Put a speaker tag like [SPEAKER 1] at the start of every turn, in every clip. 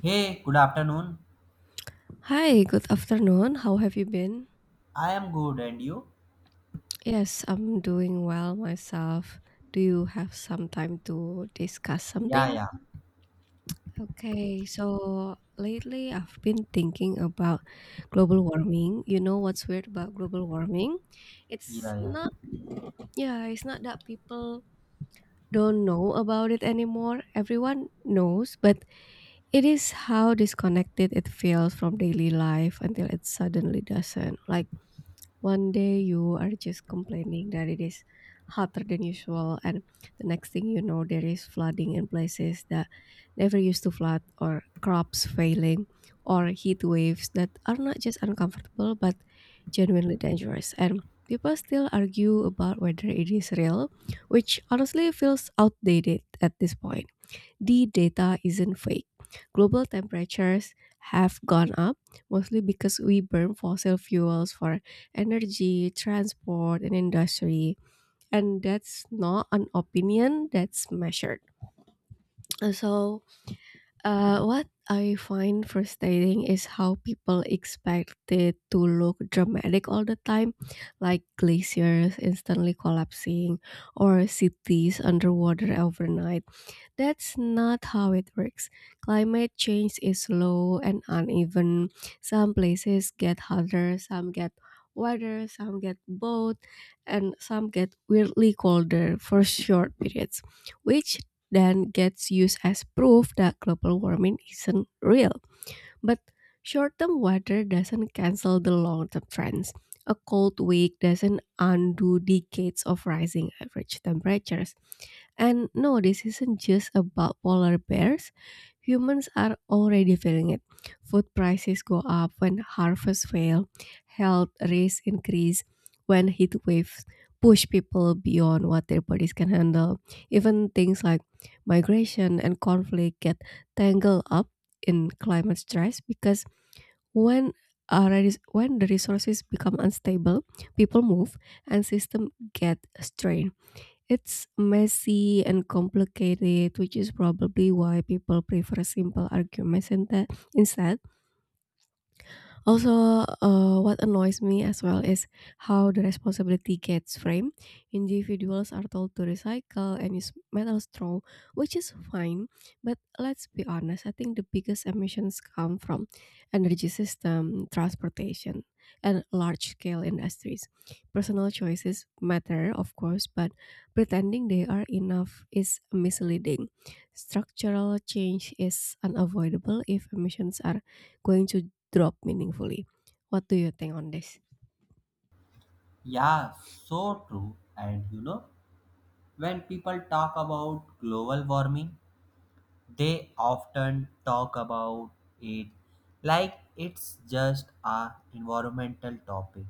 [SPEAKER 1] Hey, good afternoon.
[SPEAKER 2] Hi, good afternoon. How have you been?
[SPEAKER 1] I am good, and you?
[SPEAKER 2] Yes, I'm doing well myself. Do you have some time to discuss
[SPEAKER 1] Yeah,
[SPEAKER 2] something?
[SPEAKER 1] yeah,
[SPEAKER 2] Okay, so lately I've been thinking about global warming. You know what's weird about global warming?
[SPEAKER 1] yeah,
[SPEAKER 2] It's
[SPEAKER 1] yeah.
[SPEAKER 2] not, yeah, it's not that people don't know about it anymore. Everyone knows, but it is how disconnected it feels from daily life until it suddenly doesn't. Like, one day you are just complaining that it is hotter than usual, and the next thing you know, there is flooding in places that never used to flood, or crops failing, or heat waves that are not just uncomfortable but genuinely dangerous. And people still argue about whether it is real, which honestly feels outdated at this point. The data isn't fake. Global temperatures have gone up mostly because we burn fossil fuels for energy, transport, and industry. And that's not an opinion, that's measured. So, what I find frustrating is how people expect it to look dramatic all the time, like glaciers instantly collapsing or cities underwater overnight. That's not how it works. Climate change is slow and uneven. Some places get hotter, some get wetter, some get both, and some get weirdly colder for short periods, which then gets used as proof that global warming isn't real. But short term weather doesn't cancel the long term trends. A cold week doesn't undo decades of rising average temperatures. And no, this isn't just about polar bears. Humans are already feeling it. Food prices go up when harvests fail, health risks increase when heat waves push people beyond what their bodies can handle. Even things like migration and conflict get tangled up in climate stress because when uh, when the resources become unstable, people move and system get strained. It's messy and complicated, which is probably why people prefer simple arguments and that instead. Also, what annoys me as well is how the responsibility gets framed. Individuals are told to recycle and use metal straw, which is fine. But let's be honest, I think the biggest emissions come from energy system, transportation, and large scale industries. Personal choices matter, of course, but pretending they are enough is misleading. Structural change is unavoidable if emissions are going to drop meaningfully. What do you think on this?
[SPEAKER 1] Yeah, so true. And you know, when people talk about global warming, they often talk about it like it's just a environmental topic,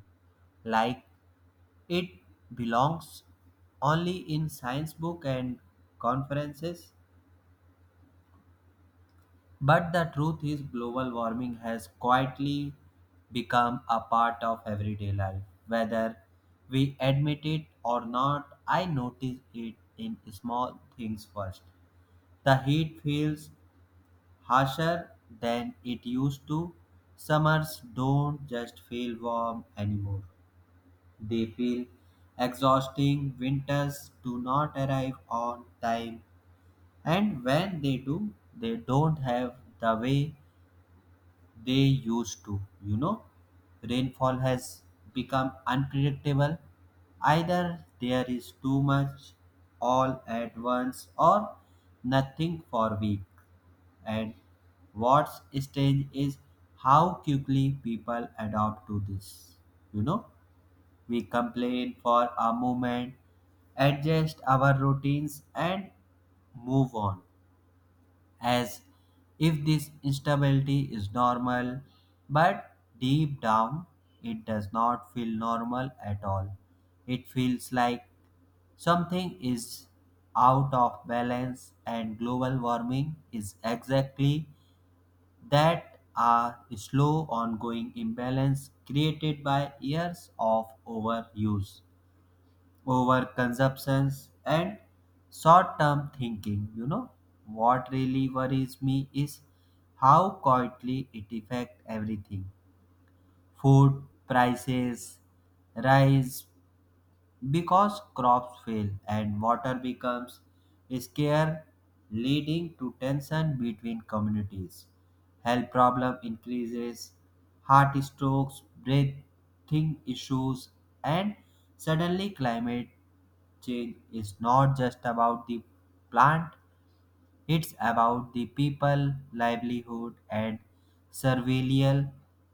[SPEAKER 1] like it belongs only in science book and conferences. But the truth is, global warming has quietly become a part of everyday life. Whether we admit it or not, I notice it in small things first. The heat feels harsher than it used to. Summers don't just feel warm anymore, they feel exhausting. Winters do not arrive on time, and when they do, they don't have the way they used to. you know Rainfall has become unpredictable. Either there is too much all at once, or nothing for week. And what's strange is how quickly people adapt to this. you know we complain for a moment, adjust our routines, and move on as if this instability is normal, but deep down it does not feel normal at all. It feels like something is out of balance, and global warming is exactly that, a slow ongoing imbalance created by years of overuse, overconsumptions, and short-term thinking. You know, what really worries me is how quietly it affects everything. Food prices rise because crops fail and water becomes scarce, leading to tension between communities. Health problem increases, heart strokes, breathing issues, and suddenly climate change is not just about the plant, it's about the people, livelihood, and survival.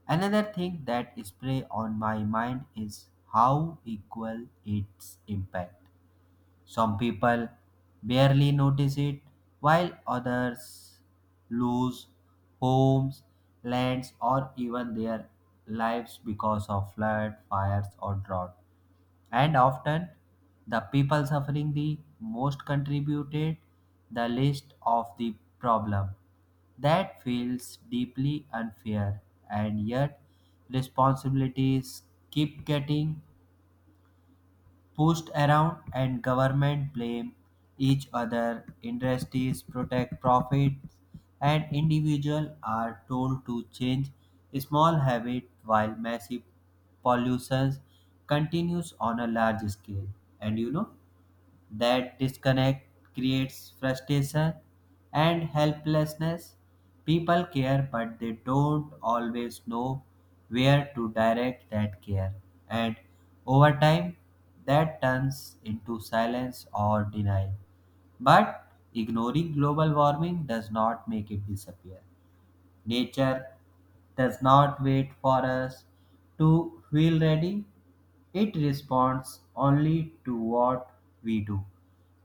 [SPEAKER 1] Another thing that spray on my mind is how equal its impact. Some people barely notice it, while others lose homes, lands, or even their lives because of flood, fires, or drought. And often the people suffering the most contributed the least of the problem. That feels deeply unfair, and yet responsibilities keep getting pushed around, and government blame each other, industries protect profits, and individuals are told to change small habits while massive pollution continues on a large scale. And you know, that disconnect creates frustration and helplessness. People care, but they don't always know where to direct that care. And over time, that turns into silence or denial. But ignoring global warming does not make it disappear. Nature does not wait for us to feel ready, it responds only to what we do.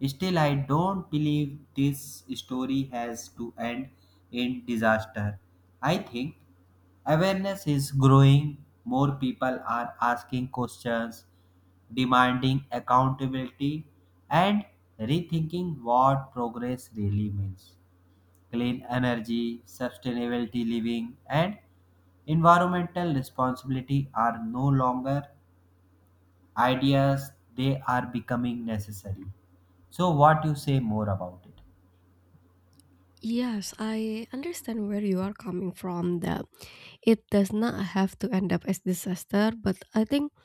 [SPEAKER 1] Still, I don't believe this story has to end in disaster. I think awareness is growing, more people are asking questions, demanding accountability, and rethinking what progress really means. Clean energy, sustainability living, and environmental responsibility are no longer ideas, they are becoming necessary. So, what you say more about it?
[SPEAKER 2] Yes, I understand where you are coming from that it does not have to end up as disaster, but I think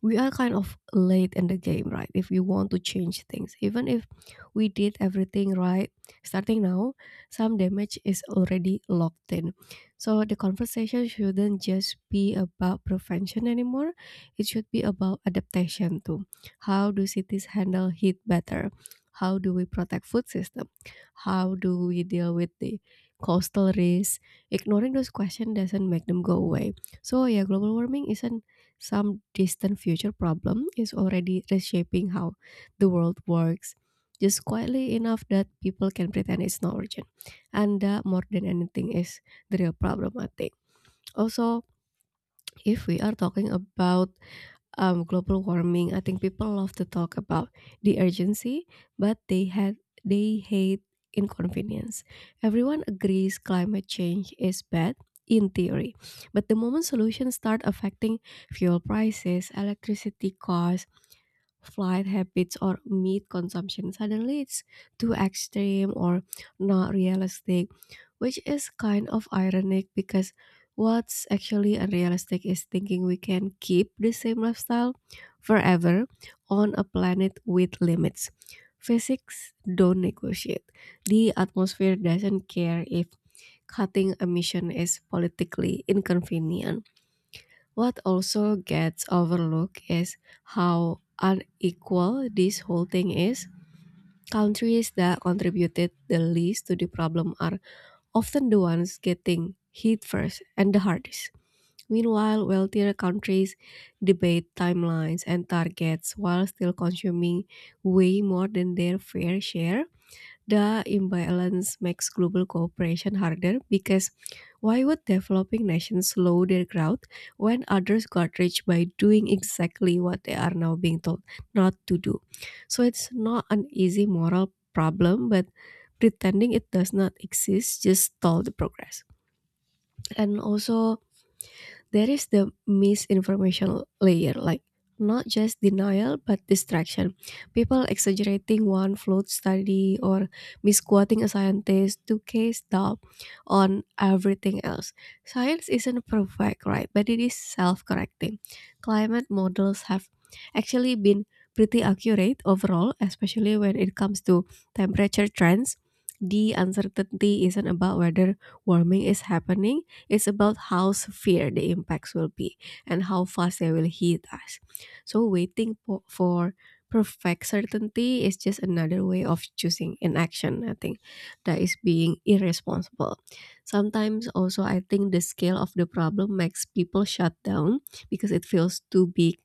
[SPEAKER 2] we are kind of late in the game, right? If we want to change things, even if we did everything right, starting now, some damage is already locked in. So the conversation shouldn't just be about prevention anymore. It should be about adaptation too. How do cities handle heat better? How do we protect food system? How do we deal with the coastal risk? Ignoring those questions doesn't make them go away. So yeah, global warming isn't some distant future problem is already reshaping how the world works, just quietly enough that people can pretend it's not urgent. And that, more than anything, is the real problem, I think. Also, if we are talking about global warming. I think people love to talk about the urgency, but they hate inconvenience. Everyone agrees climate change is bad in theory, but the moment solutions start affecting fuel prices, electricity costs, flight habits, or meat consumption, suddenly it's too extreme or not realistic, which is kind of ironic because what's actually unrealistic is thinking we can keep the same lifestyle forever on a planet with limits. Physics don't negotiate. The atmosphere doesn't care if cutting emission is politically inconvenient. What also gets overlooked is how unequal this whole thing is. Countries that contributed the least to the problem are often the ones getting hit first and the hardest. Meanwhile, wealthier countries debate timelines and targets while still consuming way more than their fair share. The imbalance makes global cooperation harder because why would developing nations slow their growth when others got rich by doing exactly what they are now being told not to do? So it's not an easy moral problem, but pretending it does not exist just stall the progress. And also there is the misinformation layer, like not just denial but distraction. People exaggerating one flawed study or misquoting a scientist to cast doubt on everything else. Science isn't perfect, right? But it is self-correcting. Climate models have actually been pretty accurate overall, especially when it comes to temperature trends. The uncertainty isn't about whether warming is happening. It's about how severe the impacts will be and how fast they will hit us. So waiting for perfect certainty is just another way of choosing inaction, I think, that is being irresponsible. Sometimes also I think the scale of the problem makes people shut down because it feels too big,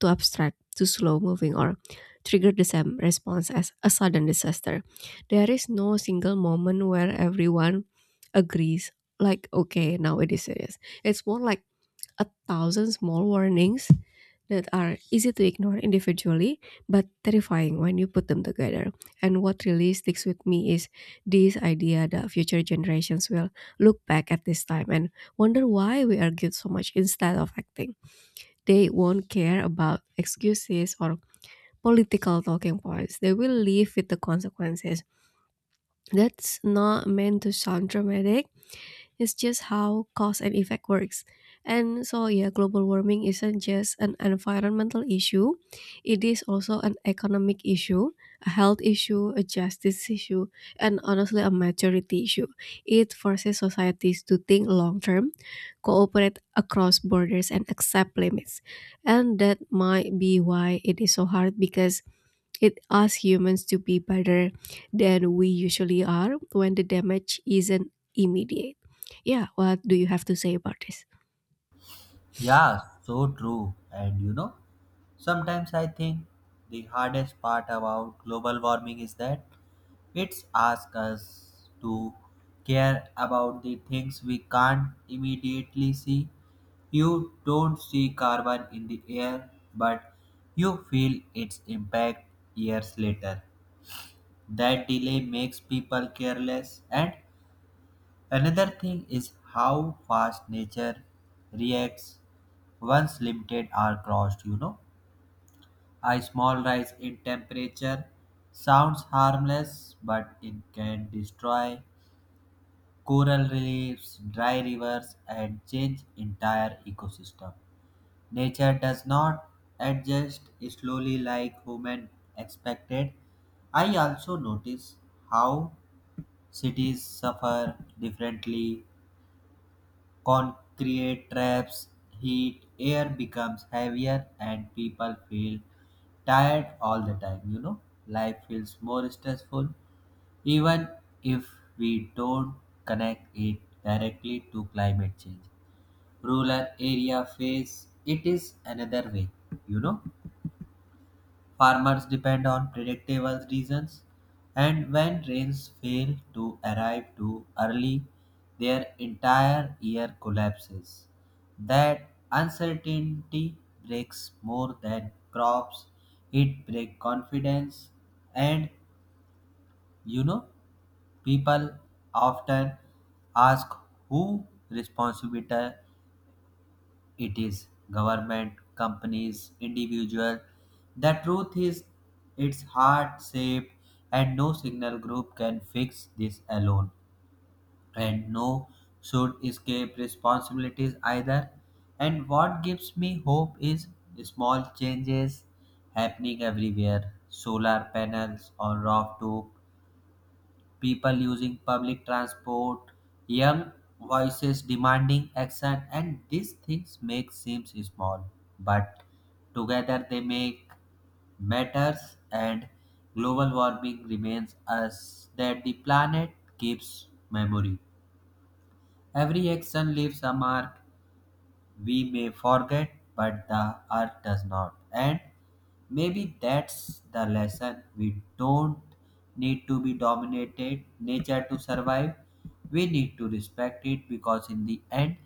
[SPEAKER 2] too abstract, too slow moving or trigger the same response as a sudden disaster. There is no single moment where everyone agrees like okay now it is serious. It's more like a thousand small warnings that are easy to ignore individually but terrifying when you put them together. And what really sticks with me is this idea that future generations will look back at this time and wonder why we argued so much instead of acting. They won't care about excuses or political talking points, they will live with the consequences. That's not meant to sound dramatic, it's just how cause and effect works. And so, yeah, global warming isn't just an environmental issue, it is also an economic issue, a health issue, a justice issue, and honestly, a maturity issue. It forces societies to think long term, cooperate across borders, and accept limits. And that might be why it is so hard because it asks humans to be better than we usually are when the damage isn't immediate. Yeah, what do you have to say about this?
[SPEAKER 1] Yeah, so true. And you know, sometimes I think the hardest part about global warming is that it's asks us to care about the things we can't immediately see. You don't see carbon in the air, but you feel its impact years later. That delay makes people careless. And another thing is how fast nature reacts once limited are crossed, you know. A small rise in temperature sounds harmless, but it can destroy coral reefs, dry rivers, and change entire ecosystem. Nature does not adjust slowly like human expected. I also notice how cities suffer differently. Concrete traps, heat, air becomes heavier, and people feel tired all the time. You know, life feels more stressful even if we don't connect it directly to climate change. Rural area face it is another way, you know. Farmers depend on predictable reasons, and when rains fail to arrive too early, their entire year collapses. That uncertainty breaks more than crops, it breaks confidence, and you know people often ask who responsibility it is, government, companies, individuals. The truth is, it's hard shaped, and no single group can fix this alone. And no should escape responsibilities either. And what gives me hope is small changes happening everywhere, solar panels on rooftop, people using public transport, young voices demanding action, and these things make seems small, but together they make matters. And global warming remains us that the planet keeps memory. Every action leaves a mark, we may forget, but the earth does not. And maybe that's the lesson. We don't need to be dominated nature to survive. We need to respect it because, in the end,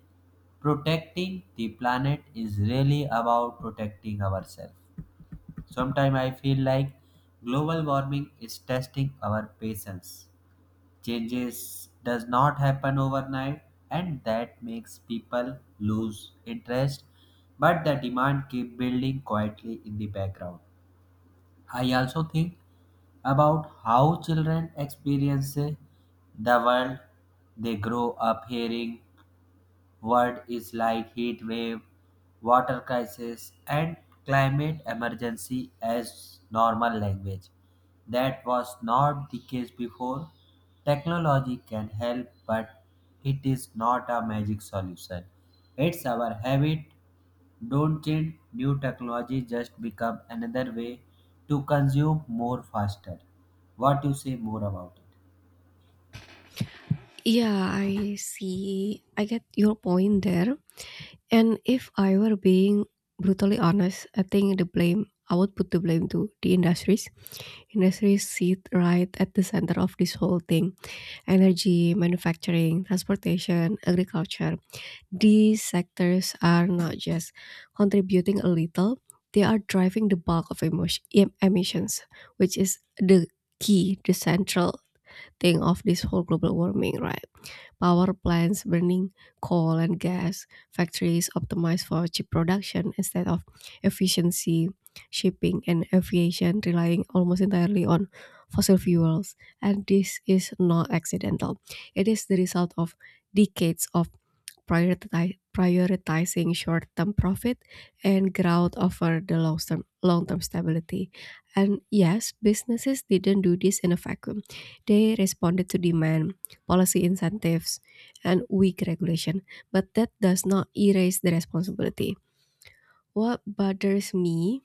[SPEAKER 1] protecting the planet is really about protecting ourselves. Sometimes I feel like global warming is testing our patience, changes does not happen overnight, and that makes people lose interest, but the demand keep building quietly in the background. I also think about how children experience the world. They grow up hearing world is like heat wave, water crisis, and climate emergency as normal language. That was not the case before. Technology can help, but it is not a magic solution. It's our habit. Don't change new technology, just become another way to consume more faster. What you say more about it?
[SPEAKER 2] Yeah, I see. I get your point there. And if I were being brutally honest, I think the blame, I would put the blame to the industries. Industries sit right at the center of this whole thing energy, manufacturing, transportation, agriculture. These sectors are not just contributing a little, they are driving the bulk of emissions, which is the key, the central thing of this whole global warming, right? Power plants burning coal and gas, factories optimized for cheap production instead of efficiency, shipping and aviation relying almost entirely on fossil fuels. And this is not accidental. It is the result of decades of prioritizing short-term profit and growth over the long-term stability. And yes, businesses didn't do this in a vacuum. They responded to demand, policy incentives, and weak regulation, but that does not erase the responsibility. What bothers me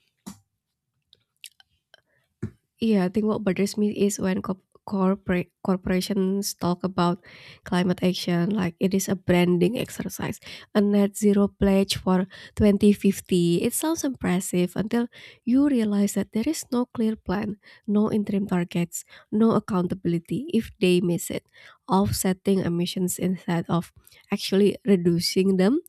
[SPEAKER 2] Yeah, I think what bothers me is when co- corporate corporations talk about climate action like it is a branding exercise, a net zero pledge for 2050. It sounds impressive until you realize that there is no clear plan, no interim targets, no accountability if they miss it, offsetting emissions instead of actually reducing them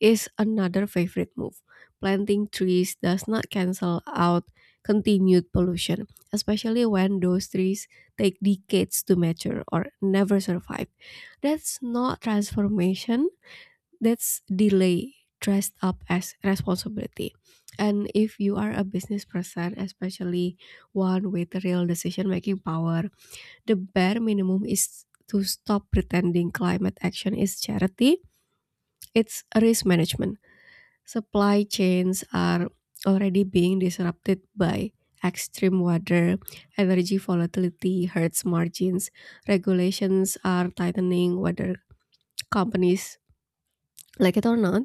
[SPEAKER 2] is another favorite move. Planting trees does not cancel out continued pollution, especially when those trees take decades to mature or never survive. That's not transformation, that's delay dressed up as responsibility. And if you are a business person, especially one with real decision making power, the bare minimum is to stop pretending climate action is charity, it's risk management. Supply chains are already being disrupted by extreme weather, energy volatility hurts margins, regulations are tightening whether companies like it or not,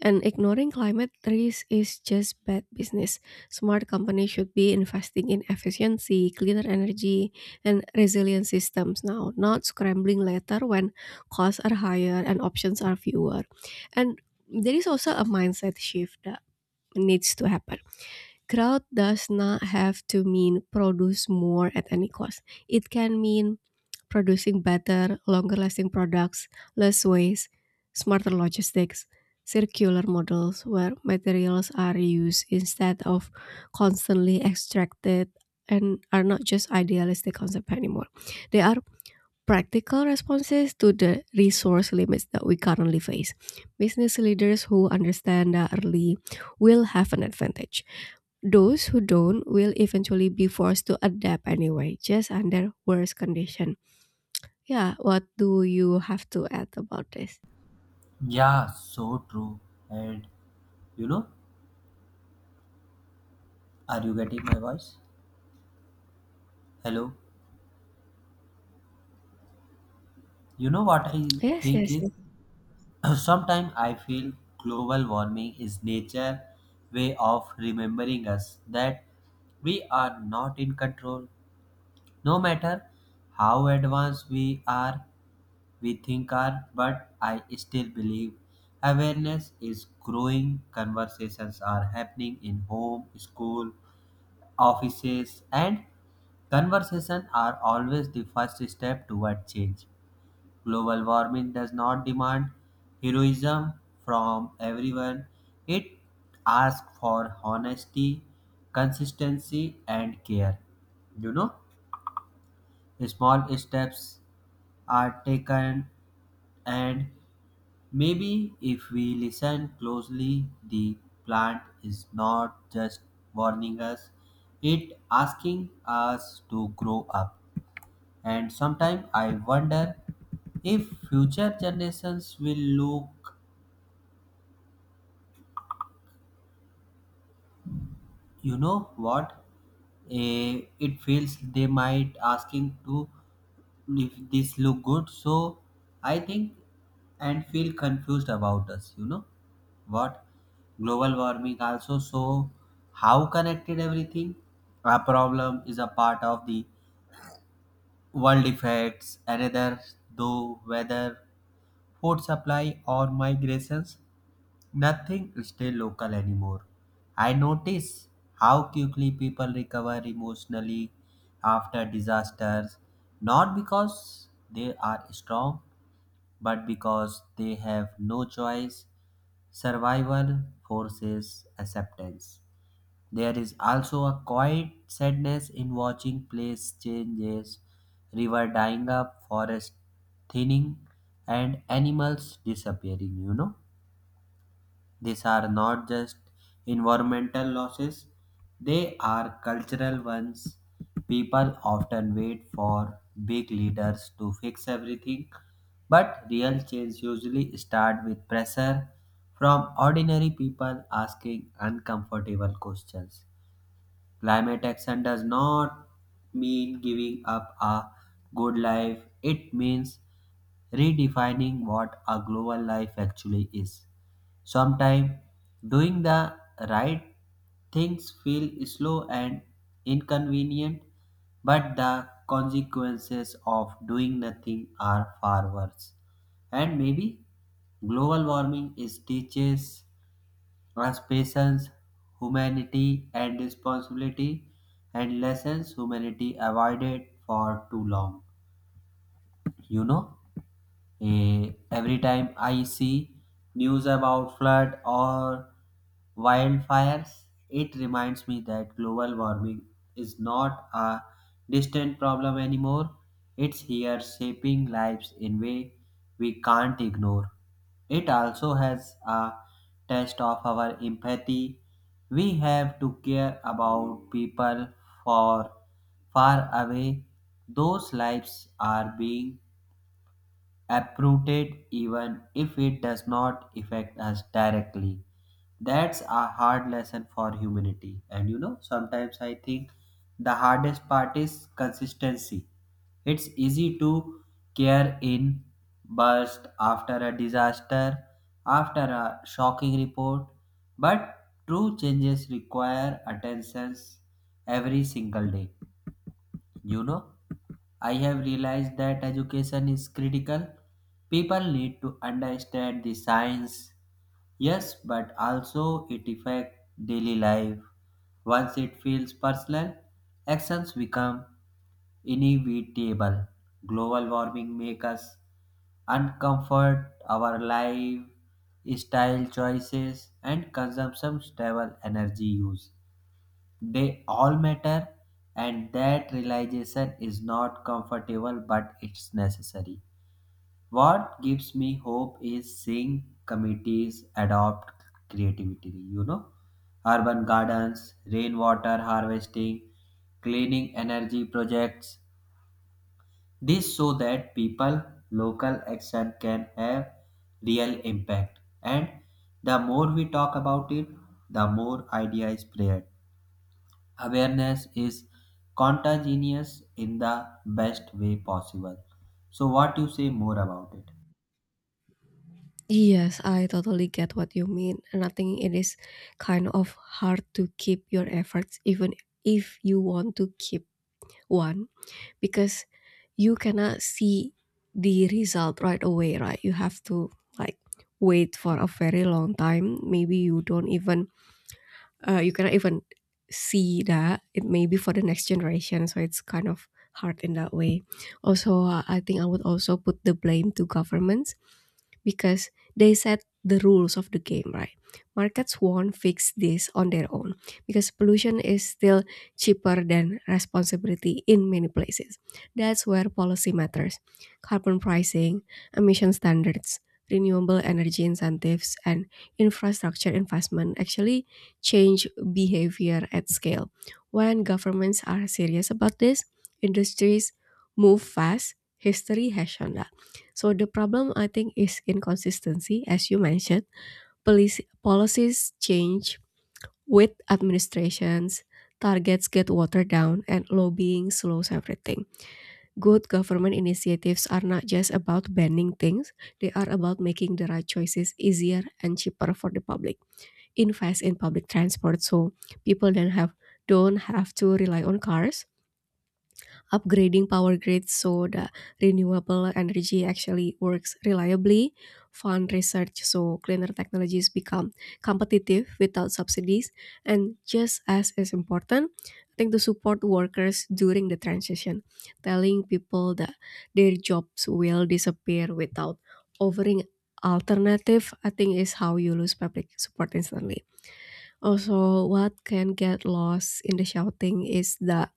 [SPEAKER 2] and ignoring climate risk is just bad business. Smart companies should be investing in efficiency, cleaner energy, and resilient systems now, not scrambling later when costs are higher and options are fewer. And there is also a mindset shift needs to happen. Growth does not have to mean produce more at any cost. It can mean producing better, longer lasting products, less waste, smarter logistics, circular models where materials are reused instead of constantly extracted and are not just idealistic concept anymore. They are practical responses to the resource limits that we currently face. Business leaders who understand that early will have an advantage. Those who don't will eventually be forced to adapt anyway, just under worse condition. Yeah, what do you have to add about this?
[SPEAKER 1] Yeah, so true. And you know, are you getting my voice? Hello. You know what I
[SPEAKER 2] Yes,
[SPEAKER 1] think
[SPEAKER 2] yes,
[SPEAKER 1] is
[SPEAKER 2] yes.
[SPEAKER 1] sometimes I feel global warming is nature way of remembering us that we are not in control. No matter how advanced we are, we think are, but I still believe awareness is growing. Conversations are happening in home, school, offices, and conversation are always the first step toward change. Global warming does not demand heroism from everyone. It asks for honesty, consistency, and care. You know, small steps are taken, and maybe if we listen closely, the plant is not just warning us, it asking us to grow up. And sometimes I wonder if future generations will look, you know what? It feels they might asking to if this look good. So I think and feel confused about us, you know what? Global warming also so how connected everything. A problem is a part of the world effects, another though whether food supply or migrations. Nothing stay local anymore. I notice how quickly people recover emotionally after disasters, not because they are strong, but because they have no choice. Survival forces acceptance. There is also a quiet sadness in watching place changes, river dying up, forest thinning, and animals disappearing, you know. These are not just environmental losses, they are cultural ones. People often wait for big leaders to fix everything, but real change usually starts with pressure from ordinary people asking uncomfortable questions. Climate action does not mean giving up a good life, it means redefining what a global life actually is. Sometimes doing the right things feel slow and inconvenient, but the consequences of doing nothing are far worse. And maybe global warming is teaches us patience, humanity, and responsibility, and lessons humanity avoided for too long. You know. Every time I see news about flood or wildfires, it reminds me that global warming is not a distant problem anymore. It's here shaping lives in way we can't ignore. It also has a test of our empathy. We have to care about people for far away. Those lives are being uprooted even if it does not affect us directly. That's a hard lesson for humanity. And you know, sometimes I think the hardest part is consistency. It's easy to care in burst after a disaster, after a shocking report, but true changes require attention every single day. You know, I have realized that education is critical. People need to understand the science, yes, but also it affects daily life. Once it feels personal, actions become inevitable. Global warming makes us uncomfort, our life, style choices, and consumption stable energy use. They all matter, and that realization is not comfortable, but it's necessary. What gives me hope is seeing committees adopt creativity, you know, urban gardens, rainwater harvesting, cleaning energy projects. This so that people local action can have real impact. And the more we talk about it, the more ideas spread. Awareness is contagious in the best way possible. So what you say more about it?
[SPEAKER 2] Yes, I totally get what you mean. And I think it is kind of hard to keep your efforts even if you want to keep one because you cannot see the result right away, right? You have to like wait for a very long time. Maybe you don't even you cannot even see that it may be for the next generation, so it's kind of hard in that way. Also, I think I would also put the blame to governments, because they set the rules of the game, right? Markets won't fix this on their own, because pollution is still cheaper than responsibility in many places. That's where policy matters. Carbon pricing, emission standards, renewable energy incentives, and infrastructure investment actually change behavior at scale. When governments are serious about this, industries move fast. History has shown that. So the problem, I think, is inconsistency, as you mentioned. Policies change with administrations, targets get watered down, and lobbying slows everything. Good government initiatives are not just about banning things, they are about making the right choices easier and cheaper for the public. Invest in public transport so people don't have to rely on cars, upgrading power grids so that renewable energy actually works reliably, fund research so cleaner technologies become competitive without subsidies. And just as is important, I think, to support workers during the transition. Telling people that their jobs will disappear without offering alternative, I think, is how you lose public support instantly. Also, what can get lost in the shouting is that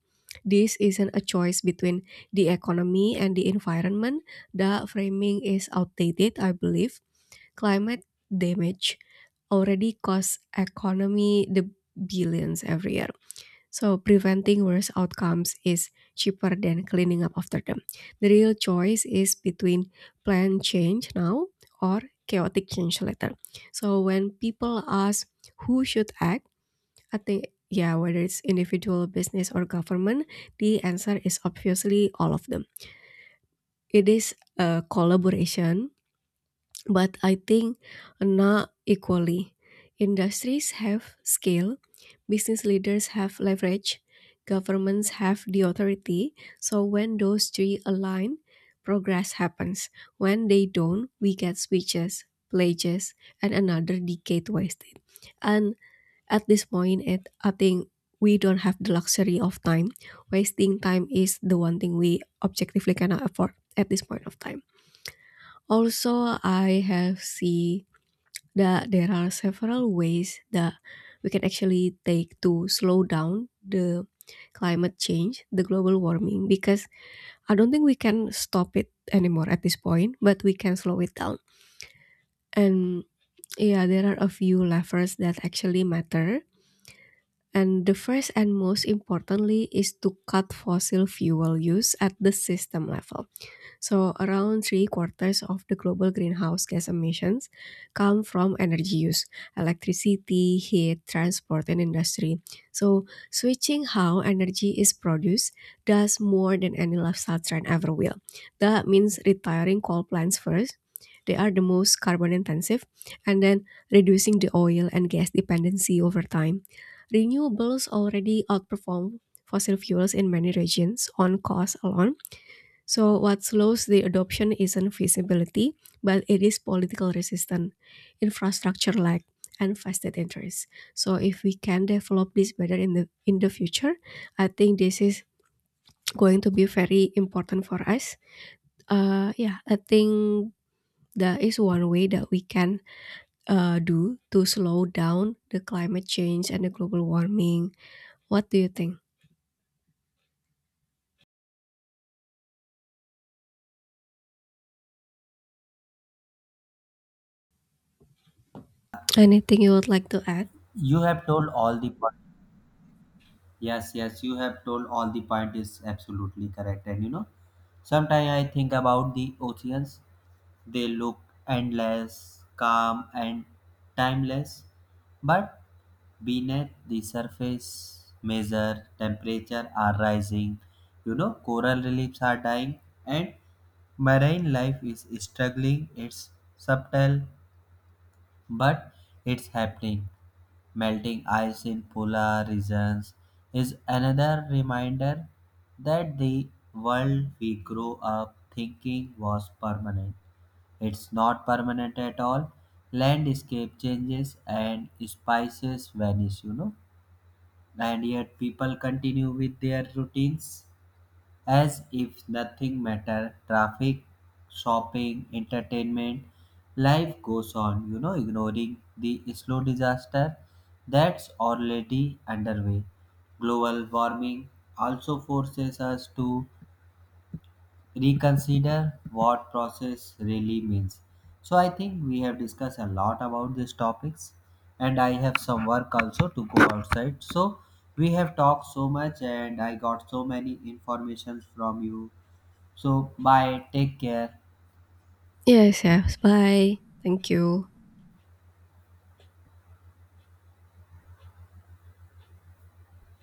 [SPEAKER 2] this isn't a choice between the economy and the environment. The framing is outdated, I believe. Climate damage already costs economy the billions every year. So preventing worse outcomes is cheaper than cleaning up after them. The real choice is between planned change now or chaotic change later. So when people ask who should act, I think, yeah, whether it's individual, business, or government, the answer is obviously all of them. It is a collaboration, but I think not equally. Industries have scale, business leaders have leverage, governments have the authority. So when those three align, progress happens. When they don't, we get switches, pledges, and another decade wasted. And At this point, I think we don't have the luxury of time. Wasting time is the one thing we objectively cannot afford at this point of time. Also, I have seen that there are several ways that we can actually take to slow down the climate change, the global warming, because I don't think we can stop it anymore at this point, but we can slow it down. And yeah, there are a few levers that actually matter. And the first and most importantly is to cut fossil fuel use at the system level. So, around three-quarters of the global greenhouse gas emissions come from energy use: electricity, heat, transport, and industry. So, switching how energy is produced does more than any lifestyle trend ever will. That means retiring coal plants first. They are the most carbon intensive, and then reducing the oil and gas dependency over time. Renewables already outperform fossil fuels in many regions on cost alone, so what slows the adoption isn't feasibility, but it is political resistance, infrastructure lack, and vested interest. So, if we can develop this better in the future, I think this is going to be very important for us. Yeah, I think that is one way that we can do to slow down the climate change and the global warming. What do you think? Anything you would like to add?
[SPEAKER 1] You have told all the point. Yes, you have told all the point is absolutely correct. And you know, sometimes I think about the oceans. They look endless, calm, and timeless, but beneath the surface measure temperature are rising. You know, coral reliefs are dying, and marine life is struggling. It's subtle, but it's happening. Melting ice in polar regions is another reminder that the world we grew up thinking was permanent. It's not permanent at all. Landscape changes and spices vanish, you know, and yet people continue with their routines. As if nothing matter, traffic, shopping, entertainment, life goes on, you know, ignoring the slow disaster that's already underway. Global warming also forces us to reconsider what process really means. So I think we have discussed a lot about these topics, and I have some work also to go outside. So we have talked so much and I got so many informations from you. So, bye, take care.
[SPEAKER 2] Yes, yes. Bye. Thank you.